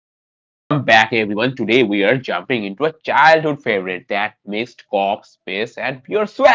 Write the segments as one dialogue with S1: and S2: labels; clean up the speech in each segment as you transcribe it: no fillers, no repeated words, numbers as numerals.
S1: back, everyone. Today we are jumping into a childhood favorite that mixed cop space and pure swag.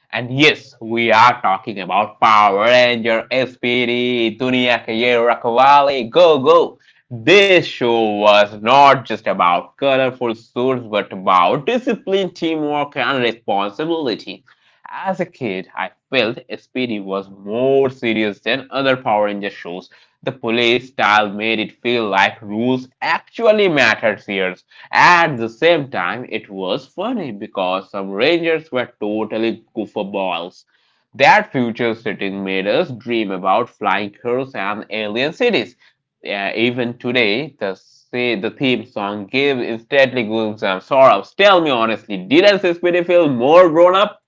S1: And yes, we are talking about Power Ranger SPD, Dunia Kayera Kawali, Go Go. This show was not just about colorful suits, but about discipline, teamwork, and responsibility. As a kid, I felt SPD was more serious than other Power Ranger shows. The police style made it feel like rules actually mattered here. At the same time, it was funny because some rangers were totally goofballs. That future setting made us dream about flying cars and alien cities. Even today, the theme song gives instantly goosebumps. Sorrows. Tell me honestly, did SSPD feel more grown up?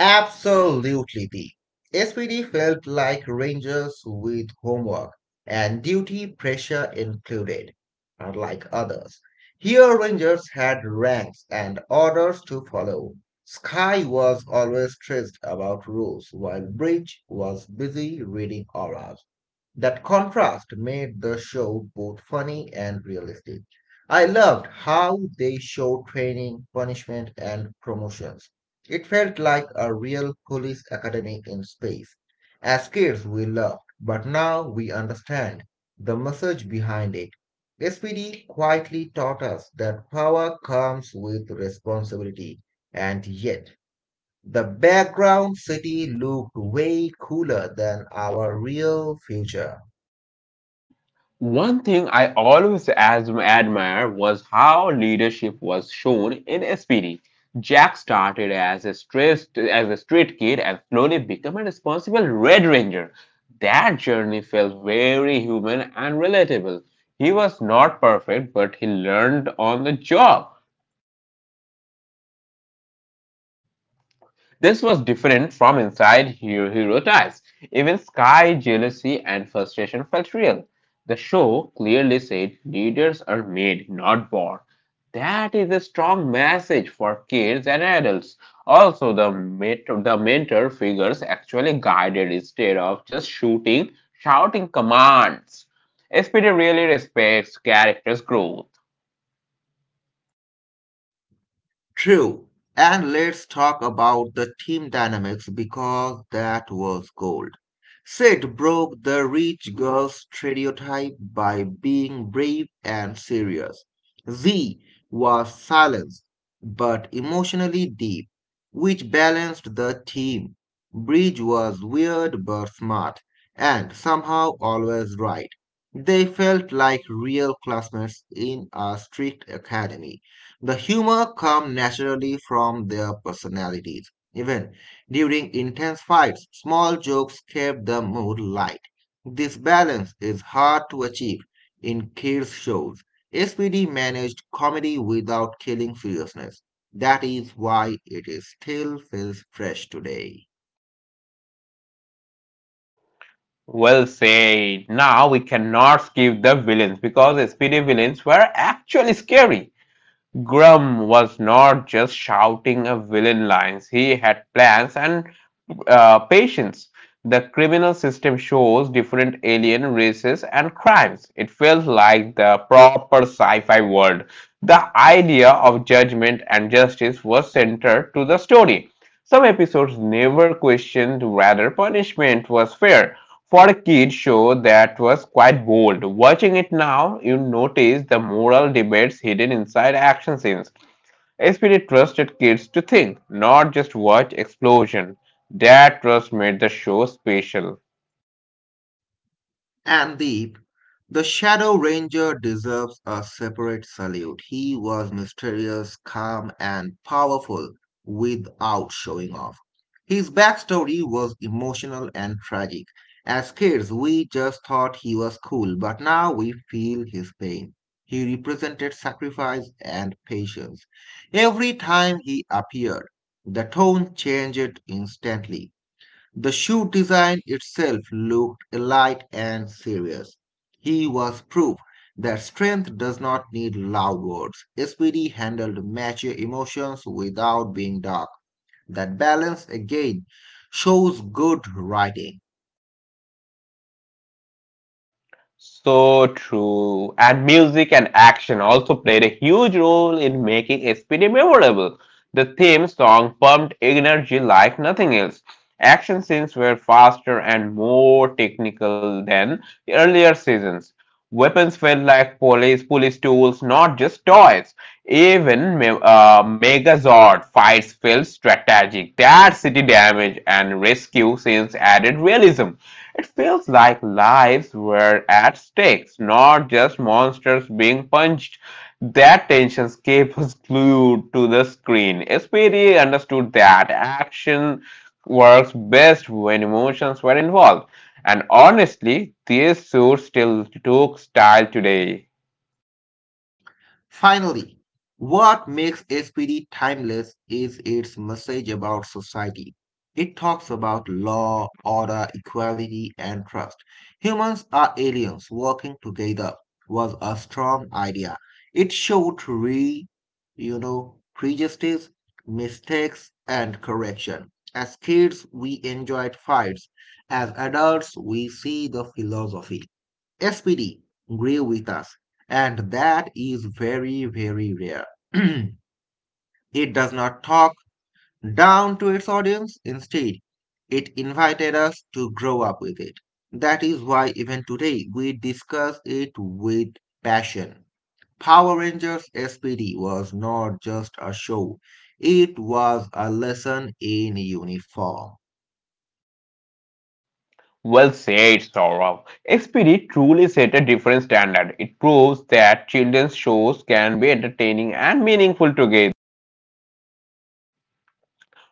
S2: Absolutely, the SPD felt like Rangers with homework and duty pressure included, unlike others. Here, Rangers had ranks and orders to follow. Sky was always stressed about rules, while Bridge was busy reading auras. That contrast made the show both funny and realistic. I loved how they showed training, punishment, and promotions. It felt like a real police academy in space. As kids, we loved, but now we understand the message behind it. SPD quietly taught us that power comes with responsibility, and yet the background city looked way cooler than our real future.
S1: One thing I always as admire was how leadership was shown in SPD. Jack started as a stressed as a street kid and slowly became a responsible Red Ranger. That journey felt very human and relatable. He was not perfect, but he learned on the job. This was different from inside hero ties. Even sky, jealousy, and frustration felt real. The show clearly said leaders are made, not born. That is a strong message for kids and adults. Also, the mentor figures actually guided instead of just shouting commands. SPD really respects characters' growth.
S2: True. And let's talk about the team dynamics because that was gold. Sid broke the rich girl stereotype by being brave and serious. Z was silenced but emotionally deep, which balanced the team. Bridge was weird but smart and somehow always right. They felt like real classmates in a strict academy. The humor comes naturally from their personalities. Even during intense fights, small jokes kept the mood light. This balance is hard to achieve in kids' shows. SPD managed comedy without killing seriousness. That is why it is still feels fresh today.
S1: Well said. Now we cannot skip the villains because SPD villains were actually scary. Grum was not just shouting a villain lines, he had plans and patience. The criminal system shows different alien races and crimes. It feels like the proper sci fi world. The idea of judgment and justice was centered to the story. Some episodes never questioned whether punishment was fair. For a kid show, that was quite bold. Watching it now, you notice the moral debates hidden inside action scenes. SPD trusted kids to think, not just watch explosion. That trust made the show special.
S2: And Deep, the Shadow Ranger deserves a separate salute. He was mysterious, calm, and powerful without showing off. His backstory was emotional and tragic. As kids, we just thought he was cool, but now we feel his pain. He represented sacrifice and patience. Every time he appeared, the tone changed instantly. The shoe design itself looked light and serious. He was proof that strength does not need loud words. SPD handled mature emotions without being dark. That balance again shows good writing.
S1: So true. And music and action also played a huge role in making SPD memorable. The theme song pumped energy like nothing else. Action scenes were faster and more technical than the earlier seasons. Weapons felt like police tools, not just toys. Even Megazord fights felt strategic. That city damage and rescue scenes added realism. It feels like lives were at stakes, not just monsters being punched. That tension kept us glued to the screen. SPD understood that action works best when emotions were involved. And honestly, this suit still took style today.
S2: Finally, what makes SPD timeless is its message about society. It talks about law, order, equality, and trust. Humans are aliens working together was a strong idea. It showed prejudice, mistakes, and correction. As kids, we enjoyed fights. As adults, we see the philosophy. SPD grew with us, and that is very, very rare. It does not talk down to its audience, instead, it invited us to grow up with it. That is why, even today, we discuss it with passion. Power Rangers SPD was not just a show, it was a lesson in uniform.
S1: Well said, Saurav. SPD truly set a different standard. It proves that children's shows can be entertaining and meaningful together.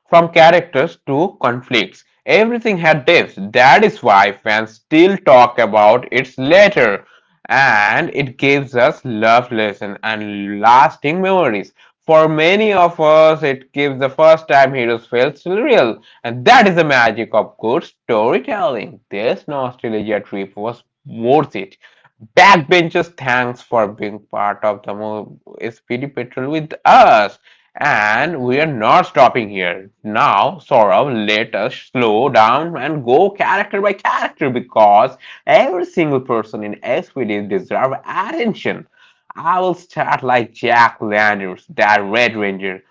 S1: From characters to conflicts, everything had depth. That is why fans still talk about it later, and it gives us love lesson and lasting memories. For many of us, it gives the first time heroes felt real, and that is the magic of good storytelling. This nostalgia trip was worth it. Backbenchers, thanks for being part of the SPD Patrol with us. And we're not stopping here. Now, Saurabh, let us slow down and go character by character because every single person in SPD deserves attention. I will start like Jack Landers, that Red Ranger,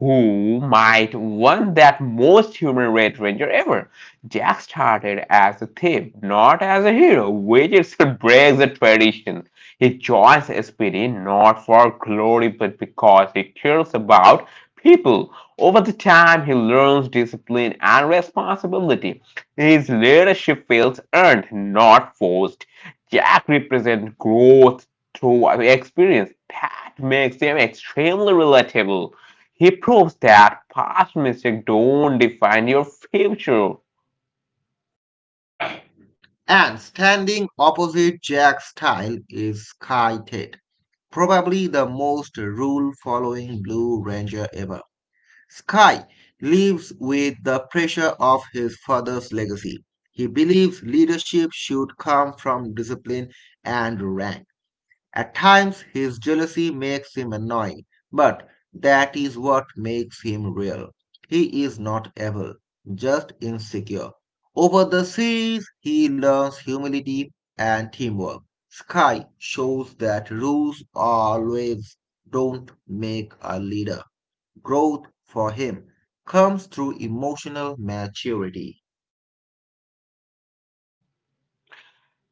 S1: who might won that most human Red Ranger ever. Jack started as a thief, not as a hero, which itself breaks the tradition. He joins SPD not for glory but because he cares about people. Over the time, he learns discipline and responsibility. His leadership feels earned, not forced. Jack represents growth through experience. That makes him extremely relatable. He proves that past mistakes don't define your future.
S2: And standing opposite Jack's style is Sky Ted, probably the most rule following Blue Ranger ever. Sky lives with the pressure of his father's legacy. He believes leadership should come from discipline and rank. At times, his jealousy makes him annoying, but that is what makes him real. He is not evil, just insecure. Over the series, he learns humility and teamwork. Sky shows that rules always don't make a leader. Growth for him comes through emotional maturity.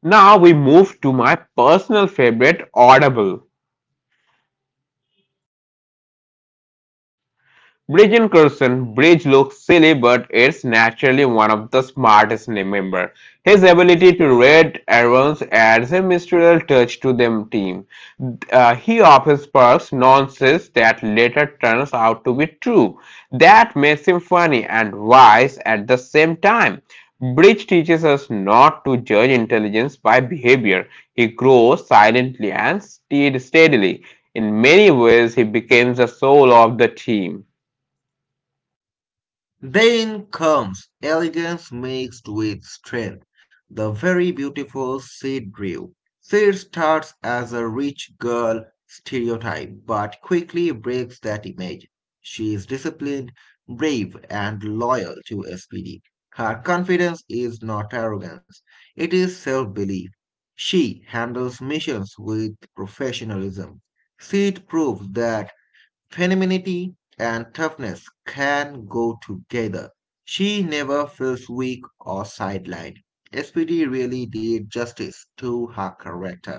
S1: Now we move to my personal favorite, Audible. Bridge in Curzon, Bridge looks silly but is naturally one of the smartest members. His ability to read errands adds a mystical touch to the team. He often sparks nonsense that later turns out to be true. That makes him funny and wise at the same time. Bridge teaches us not to judge intelligence by behavior. He grows silently and steadily. In many ways, he becomes the soul of the team.
S2: Then comes elegance mixed with strength, the very beautiful Sid Drew. Sid starts as a rich girl stereotype, but quickly breaks that image. She is disciplined, brave, and loyal to SPD. Her confidence is not arrogance, it is self belief. She handles missions with professionalism. Sid proves that femininity and toughness can go together. She never feels weak or sidelined. SPD really did justice to her character.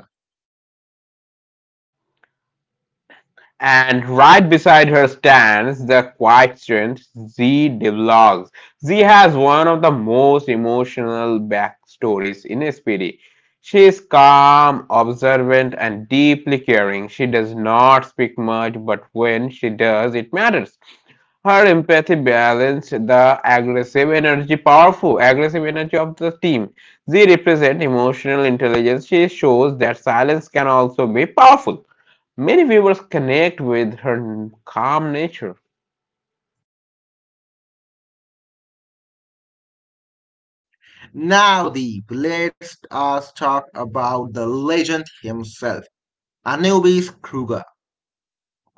S1: And right beside her stands the quiet strength Z develops. Z has one of the most emotional backstories in SPD. She is calm, observant, and deeply caring. She does not speak much, but when she does, it matters. Her empathy balanced the powerful aggressive energy of the team. She represents emotional intelligence. She shows that silence can also be powerful. Many viewers connect with her calm nature.
S2: Now, the let's us talk about the legend himself, Anubis Kruger.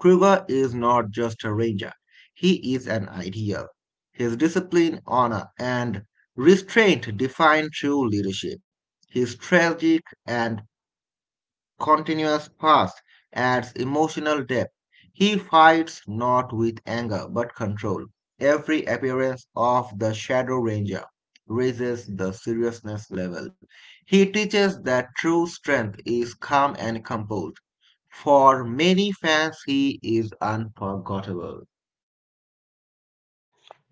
S2: Kruger is not just a ranger, he is an ideal. His discipline, honor, and restraint define true leadership. His tragic and continuous fast adds emotional depth. He fights not with anger but control. Every appearance of the Shadow Ranger raises the seriousness level. He teaches that true strength is calm and composed. For many fans, he is unforgettable.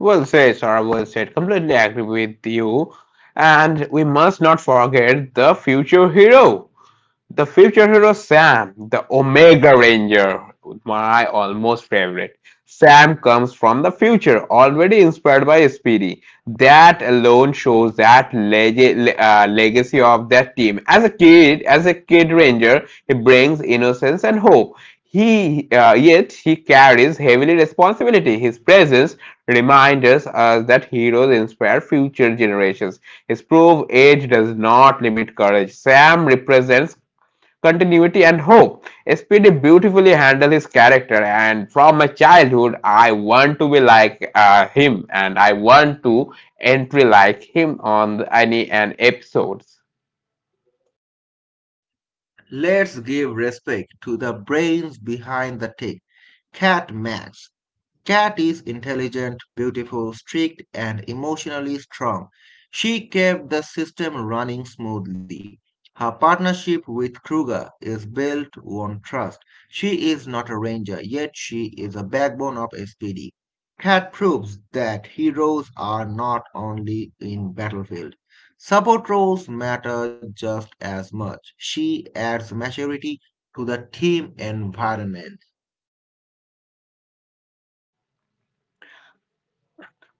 S1: Well said, Sarah. Well said. Completely agree with you. And we must not forget the future hero. The future hero Sam, the Omega Ranger, my almost favorite. Sam comes from the future, already inspired by Speedy. That alone shows that legacy of that team. As a kid ranger, he brings innocence and hope. He yet he carries heavily responsibility. His presence reminds us that heroes inspire future generations. His proof age does not limit courage. Sam represents continuity and hope. Speedy beautifully handles his character, and from my childhood, I want to be like him, and I want to entry like him on the any and episodes.
S2: Let's give respect to the brains behind the tech, Cat Max. Cat is intelligent, beautiful, strict, and emotionally strong. She kept the system running smoothly. Her partnership with Kruger is built on trust. She is not a ranger, yet she is a backbone of SPD. Cat proves that heroes are not only in battlefield. Support roles matter just as much. She adds maturity to the team environment.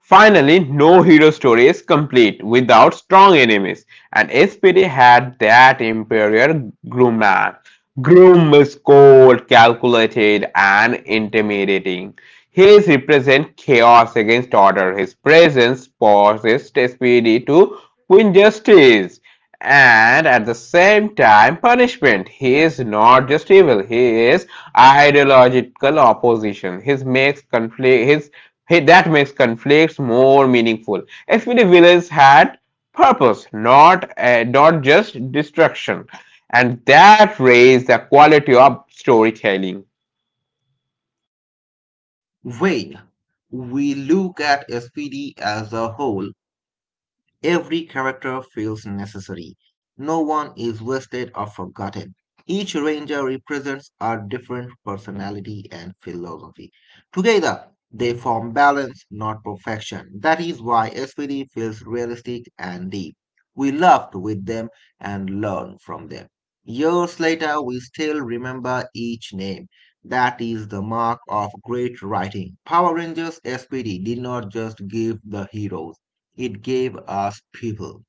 S1: Finally, no hero story is complete without strong enemies, and SPD had that Imperial Grumman. Groom is cold, calculated, and intimidating. His represent chaos against order. His presence forces SPD to win justice and at the same time punishment. He is not just evil, he is ideological opposition. His makes conflict his. Hey, that makes conflicts more meaningful. If villains had purpose, not just destruction, and that raised the quality of storytelling.
S2: When we look at SPD as a whole, every character feels necessary. No one is wasted or forgotten. Each ranger represents a different personality and philosophy. Together, they form balance, not perfection. That is why SPD feels realistic and deep. We laughed with them and learned from them. Years later, we still remember each name. That is the mark of great writing. Power Rangers SPD did not just give the heroes. It gave us people.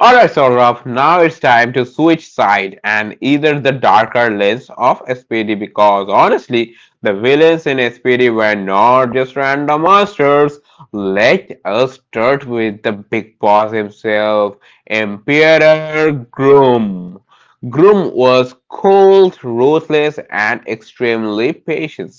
S1: Alright Saurabh, now it's time to switch side and either the darker lens of SPD because honestly, the villains in SPD were not just random monsters. Let us start with the big boss himself, Emperor Groom. Groom was cold, ruthless, and extremely patient.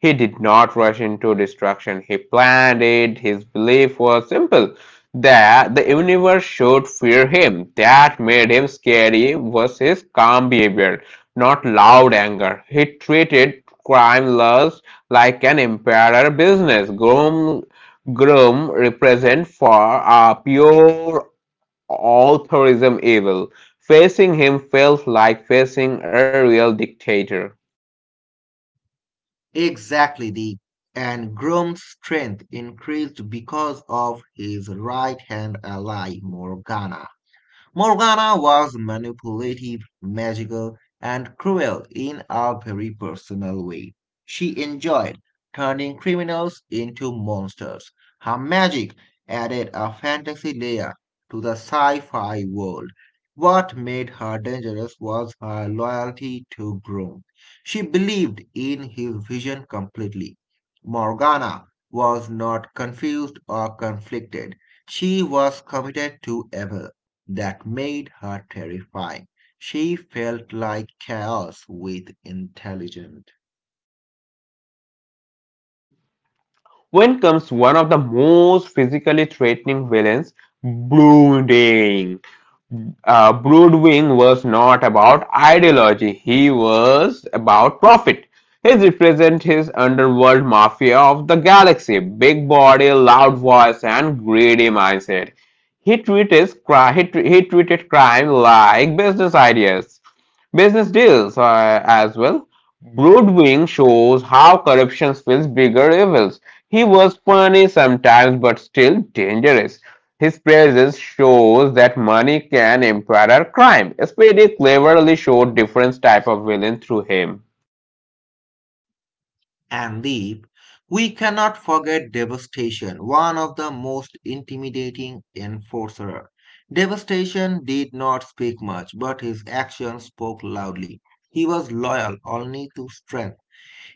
S1: He did not rush into destruction. He planned it. His belief was simple there, the universe should fear him. That made him scary was his calm behavior, not loud anger. He treated crime laws like an empire business. Groom represent for a pure altruism evil. Facing him felt like facing a real dictator.
S2: Exactly, the and Grom's strength increased because of his right hand ally Morgana. Morgana was manipulative, magical, and cruel in a very personal way. She enjoyed turning criminals into monsters. Her magic added a fantasy layer to the sci fi world. What made her dangerous was her loyalty to Groom. She believed in his vision completely. Morgana was not confused or conflicted. She was committed to Abel that made her terrifying. She felt like chaos with intelligence.
S1: When comes one of the most physically threatening villains, brooding. Broodwing was not about ideology, he was about profit. He represents his underworld mafia of the galaxy big body, loud voice, and greedy mindset. He treated, he treated crime like business deals as well. Broodwing shows how corruption feels bigger evils. He was funny sometimes, but still dangerous. His praises shows that money can empower crime. Speedy cleverly showed different type of villain through him.
S2: And Deep, we cannot forget Devastation, one of the most intimidating enforcer. Devastation did not speak much, but his actions spoke loudly. He was loyal only to strength.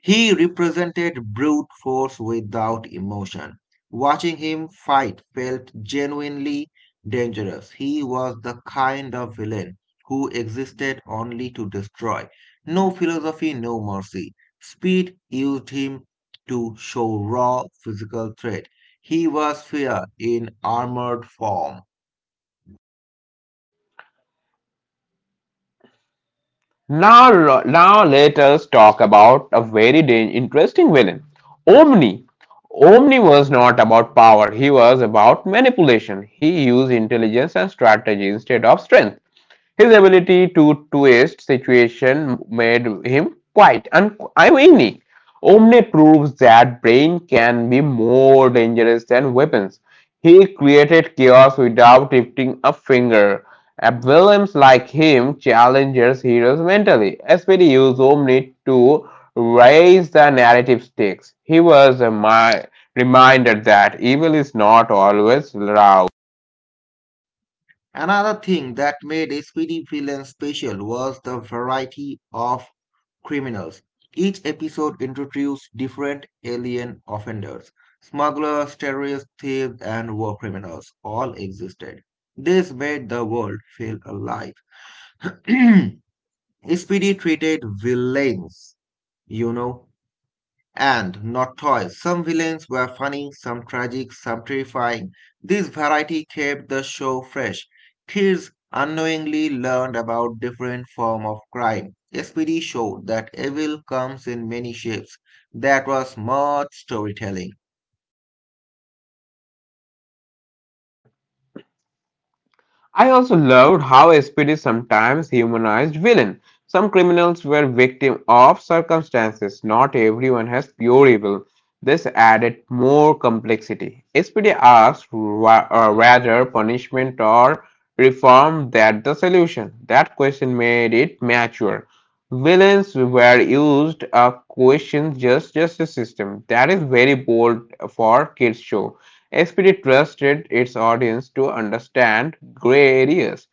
S2: He represented brute force without emotion. Watching him fight felt genuinely dangerous. He was the kind of villain who existed only to destroy. No philosophy, no mercy. Speed used him to show raw physical threat. He was fear in armored form.
S1: Now let us talk about a very interesting villain, Omni. Omni was not about power; he was about manipulation. He used intelligence and strategy instead of strength. His ability to twist situation made him quite unique. Omne proves that brain can be more dangerous than weapons. He created chaos without lifting a finger. Villains like him challenges heroes mentally. SPD used Omni to raise the narrative stakes. He was a reminder that evil is not always loud.
S2: Another thing that made a speedy villain special was the variety of criminals. Each episode introduced different alien offenders. Smugglers, terrorists, thieves, and war criminals all existed. This made the world feel alive. Speedy treated villains, you know, and not toys. Some villains were funny, some tragic, some terrifying. This variety kept the show fresh. Kids unknowingly learned about different forms of crime. SPD showed that evil comes in many shapes. That was much storytelling.
S1: I also loved how SPD sometimes humanized villain. Some criminals were victim of circumstances. Not everyone has pure evil. This added more complexity. SPD asked whether punishment or reform that the solution. That question made it mature. Villains were used a question just justice system. That is very bold for kids show. SPD trusted its audience to understand grey areas,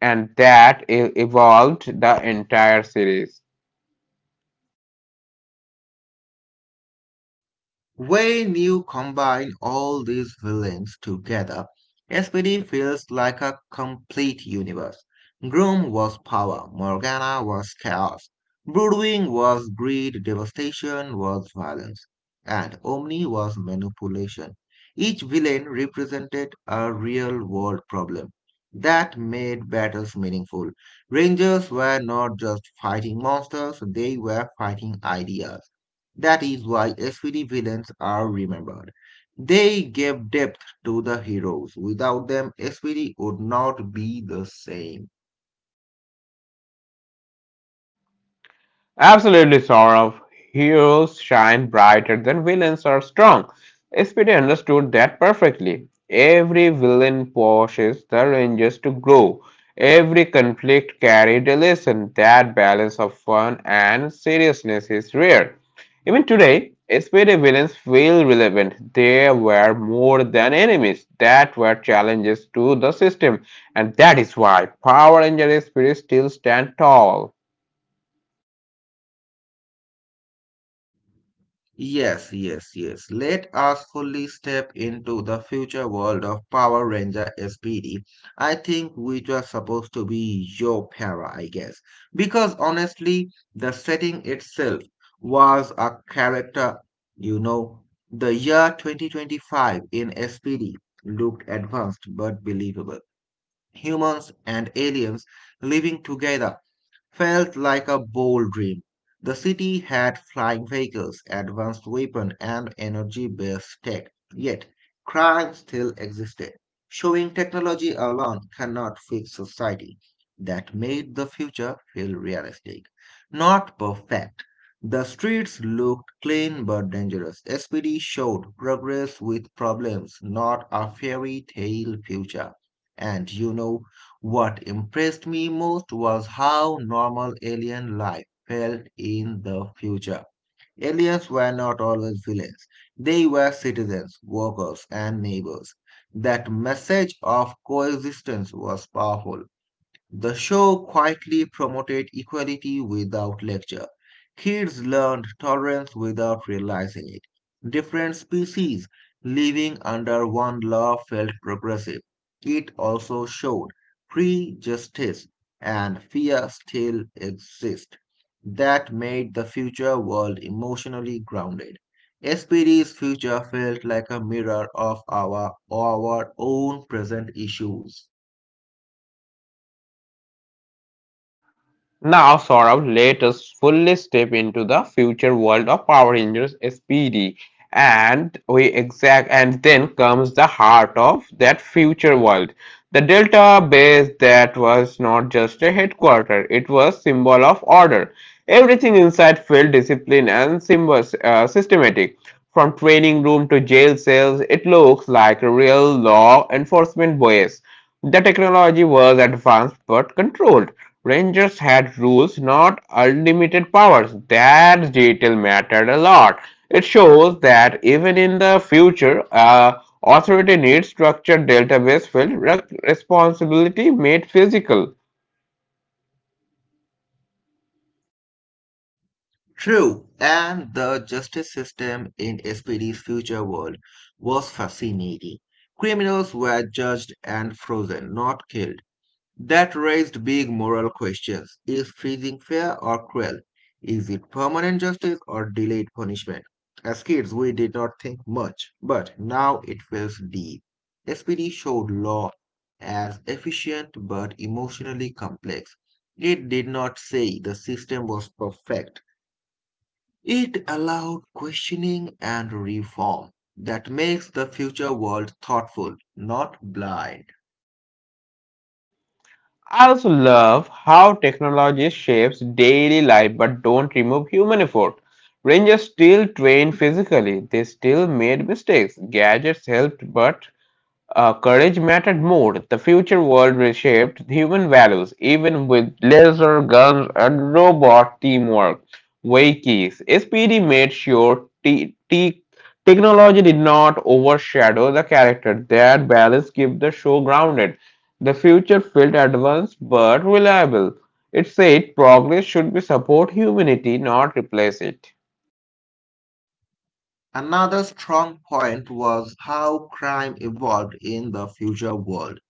S1: and that evolved the entire series.
S2: When you combine all these villains together, SPD feels like a complete universe. Groom was power, Morgana was chaos, Broodwing was greed, devastation was violence, and Omni was manipulation. Each villain represented a real world problem. That made battles meaningful. Rangers were not just fighting monsters, they were fighting ideas. That is why SVD villains are remembered. They gave depth to the heroes. Without them, SVD would not be the same.
S1: Absolutely, Saurav. Heroes shine brighter than villains are strong. SPD understood that perfectly. Every villain pushes the Rangers to grow. Every conflict carried a lesson. That balance of fun and seriousness is rare. Even today, SPD villains feel relevant. They were more than enemies. That were challenges to the system. And that is why Power Ranger SPD still stand tall.
S2: Yes, yes, yes. Let us fully step into the future world of Power Ranger SPD. I think which was supposed to be your para, I guess. Because honestly, the setting itself was a character, you know. The year 2025 in SPD looked advanced but believable. Humans and aliens living together felt like a bold dream. The city had flying vehicles, advanced weapons, and energy-based tech. Yet, crime still existed, showing technology alone cannot fix society. That made the future feel realistic, not perfect. The streets looked clean but dangerous. SPD showed progress with problems, not a fairy tale future. And what impressed me most was how normal alien life felt in the future. Aliens were not always villains. They were citizens, workers, and neighbors. That message of coexistence was powerful. The show quietly promoted equality without lecture. Kids learned tolerance without realizing it. Different species living under one law felt progressive. It also showed prejudice and fear still exist. That made the future world emotionally grounded. SPD's future felt like a mirror of our own present issues.
S1: Now, Saurabh, let us fully step into the future world of Power Rangers SPD, and we exact, and then comes the heart of that future world, the Delta base that was not just a headquarter; it was symbol of order. Everything inside felt disciplined and was systematic. From training room to jail cells, it looks like a real law enforcement base. The technology was advanced but controlled. Rangers had rules, not unlimited powers. That detail mattered a lot. It shows that even in the future, authority needs structured database filled with responsibility made physical.
S2: True, and the justice system in SPD's future world was fascinating. Criminals were judged and frozen, not killed. That raised big moral questions. Is freezing fair or cruel? Is it permanent justice or delayed punishment? As kids, we did not think much, but now it feels deep. SPD showed law as efficient but emotionally complex. It did not say the system was perfect. It allowed questioning and reform that makes the future world thoughtful, not blind.
S1: I also love how technology shapes daily life but don't remove human effort. Rangers still trained physically, they still made mistakes. Gadgets helped, but courage mattered more. The future world reshaped human values, even with laser guns and robot teamwork. Wakis. SPD made sure technology did not overshadow the character. That balance kept the show grounded. The future felt advanced but reliable. It said progress should be support humanity, not replace it.
S2: Another strong point was how crime evolved in the future world.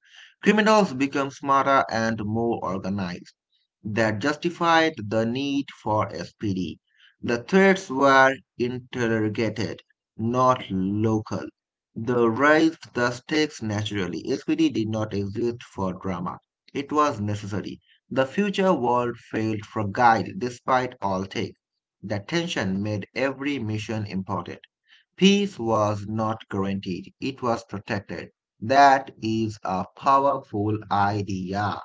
S2: Criminals became smarter and more organized. That justified the need for SPD. The threats were interrogated, not local. The raised the stakes naturally. SPD did not exist for drama. It was necessary. The future world failed for guide, despite all take. The tension made every mission important. Peace was not guaranteed, it was protected. That is a powerful idea.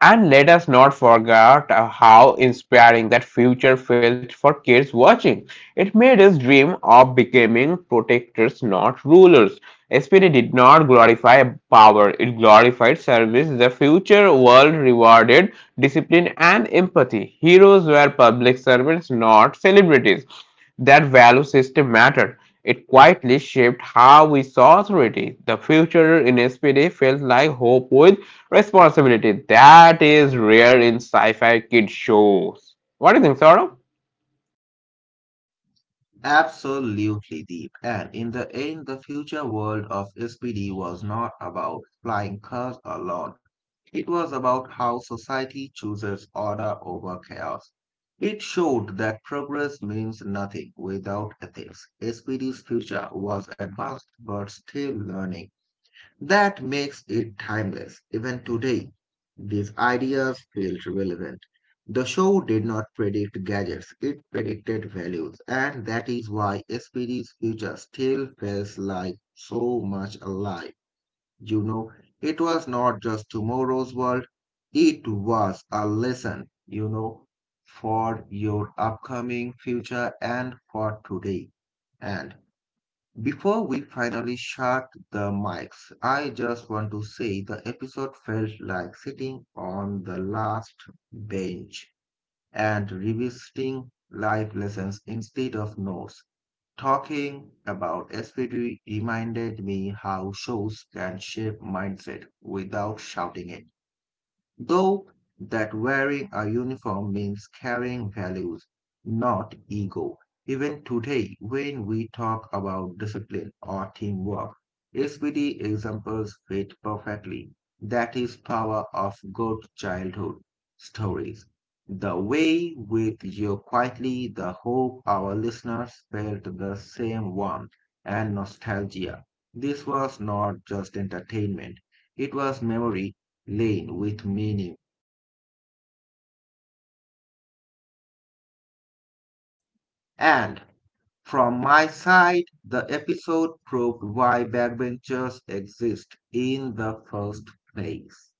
S1: And let us not forget how inspiring that future felt for kids watching. It made us dream of becoming protectors, not rulers. SPD did not glorify power, it glorified service. The future world rewarded discipline and empathy. Heroes were public servants, not celebrities. That value system mattered. It quietly shaped how we saw authority. The future in SPD felt like hope with responsibility that is rare in sci-fi kid shows. What do you think, Saurabh?
S2: Absolutely deep. And in the end, the future world of SPD was not about flying cars alone. It was about how society chooses order over chaos. It showed that progress means nothing without ethics. SPD's future was advanced but still learning. That makes it timeless. Even today, these ideas feel relevant. The show did not predict gadgets, it predicted values, and that is why SPD.'s* future still feels like so much alive. You know, it was not just tomorrow's world, it was a lesson, for your upcoming future and for today. And before we finally shut the mics, I just want to say the episode felt like sitting on the last bench and revisiting life lessons instead of notes. Talking about SPD reminded me how shows can shape mindset without shouting it though that wearing a uniform means carrying values, not ego. Even today, when we talk about discipline or teamwork, SPD examples fit perfectly. That is power of good childhood stories. The way with you quietly, the hope our listeners felt the same warmth and nostalgia. This was not just entertainment, it was memory lane with meaning. And from my side, the episode proved why backbenchers exist in the first place.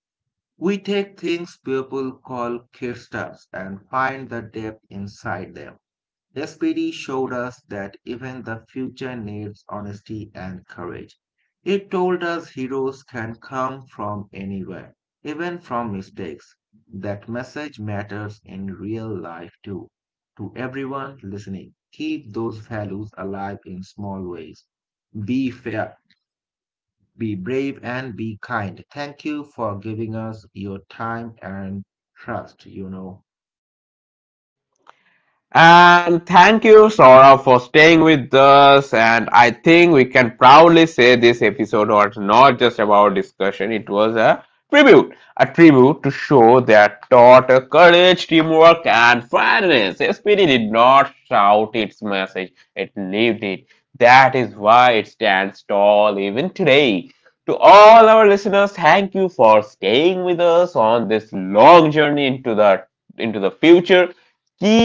S2: We take things people call kicksters and find the depth inside them. SPD showed us that even the future needs honesty and courage. It told us heroes can come from anywhere, even from mistakes. That message matters in real life too. To everyone listening, keep those values alive in small ways. Be fair, be brave, and be kind. Thank you for giving us your time and trust.
S1: And thank you, Sora, for staying with us. And I think we can proudly say this episode was not just about discussion, it was a tribute. A tribute to show that, taught courage, teamwork, and fairness. SPD did not shout its message, it lived it. That is why it stands tall even today. To all our listeners, thank you for staying with us on this long journey into the future.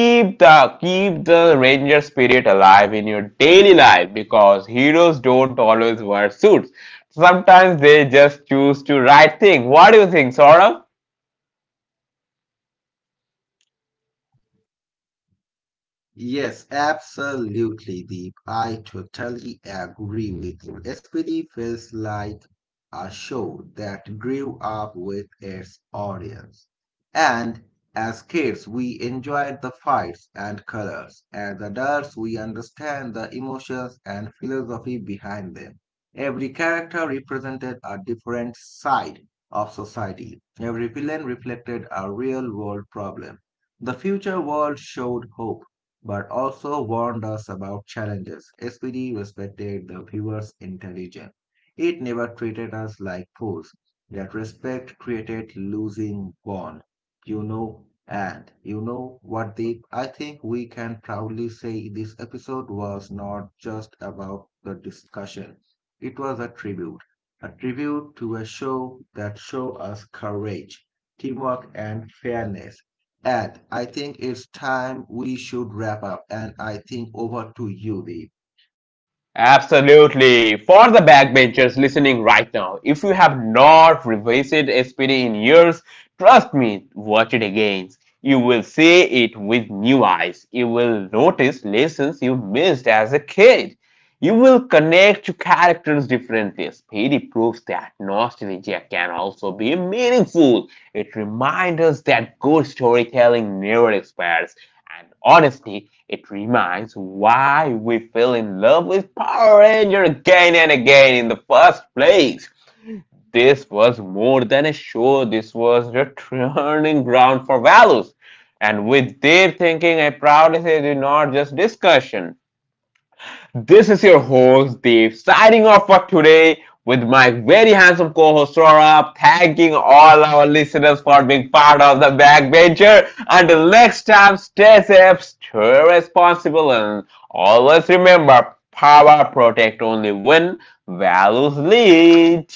S1: Keep the ranger spirit alive in your daily life because heroes don't always wear suits. Sometimes they just choose to write things. What do you think, Saurabh?
S2: Yes, absolutely, Deep. I totally agree with you. SPD feels like a show that grew up with its audience. And as kids, we enjoyed the fights and colors. As adults, we understand the emotions and philosophy behind them. Every character represented a different side of society. Every villain reflected a real world problem. The future world showed hope but also warned us about challenges. SPD respected the viewers' intelligence. It never treated us like fools. That respect created losing bond. And you know what, Deep? I think we can proudly say this episode was not just about the discussion. It was a tribute to a show that showed us courage, teamwork, and fairness. Ed, I think it's time we should wrap up, and I think over to you, Dave.
S1: Absolutely. For the backbenchers listening right now, if you have not revisited SPD in years, trust me, watch it again. You will see it with new eyes. You will notice lessons you missed as a kid. You will connect to characters differently. SPD proves that nostalgia can also be meaningful. It reminds us that good storytelling never expires and honesty, it reminds why we fell in love with Power Ranger again and again in the first place. This was more than a show, this was the turning ground for values. And with their thinking, I proudly say, do not just discussion. This is your host Deep signing off for today with my very handsome co-host Saurabh, thanking all our listeners for being part of the backbencher. Until next time, stay safe, stay responsible, and always remember, power protect only when values lead.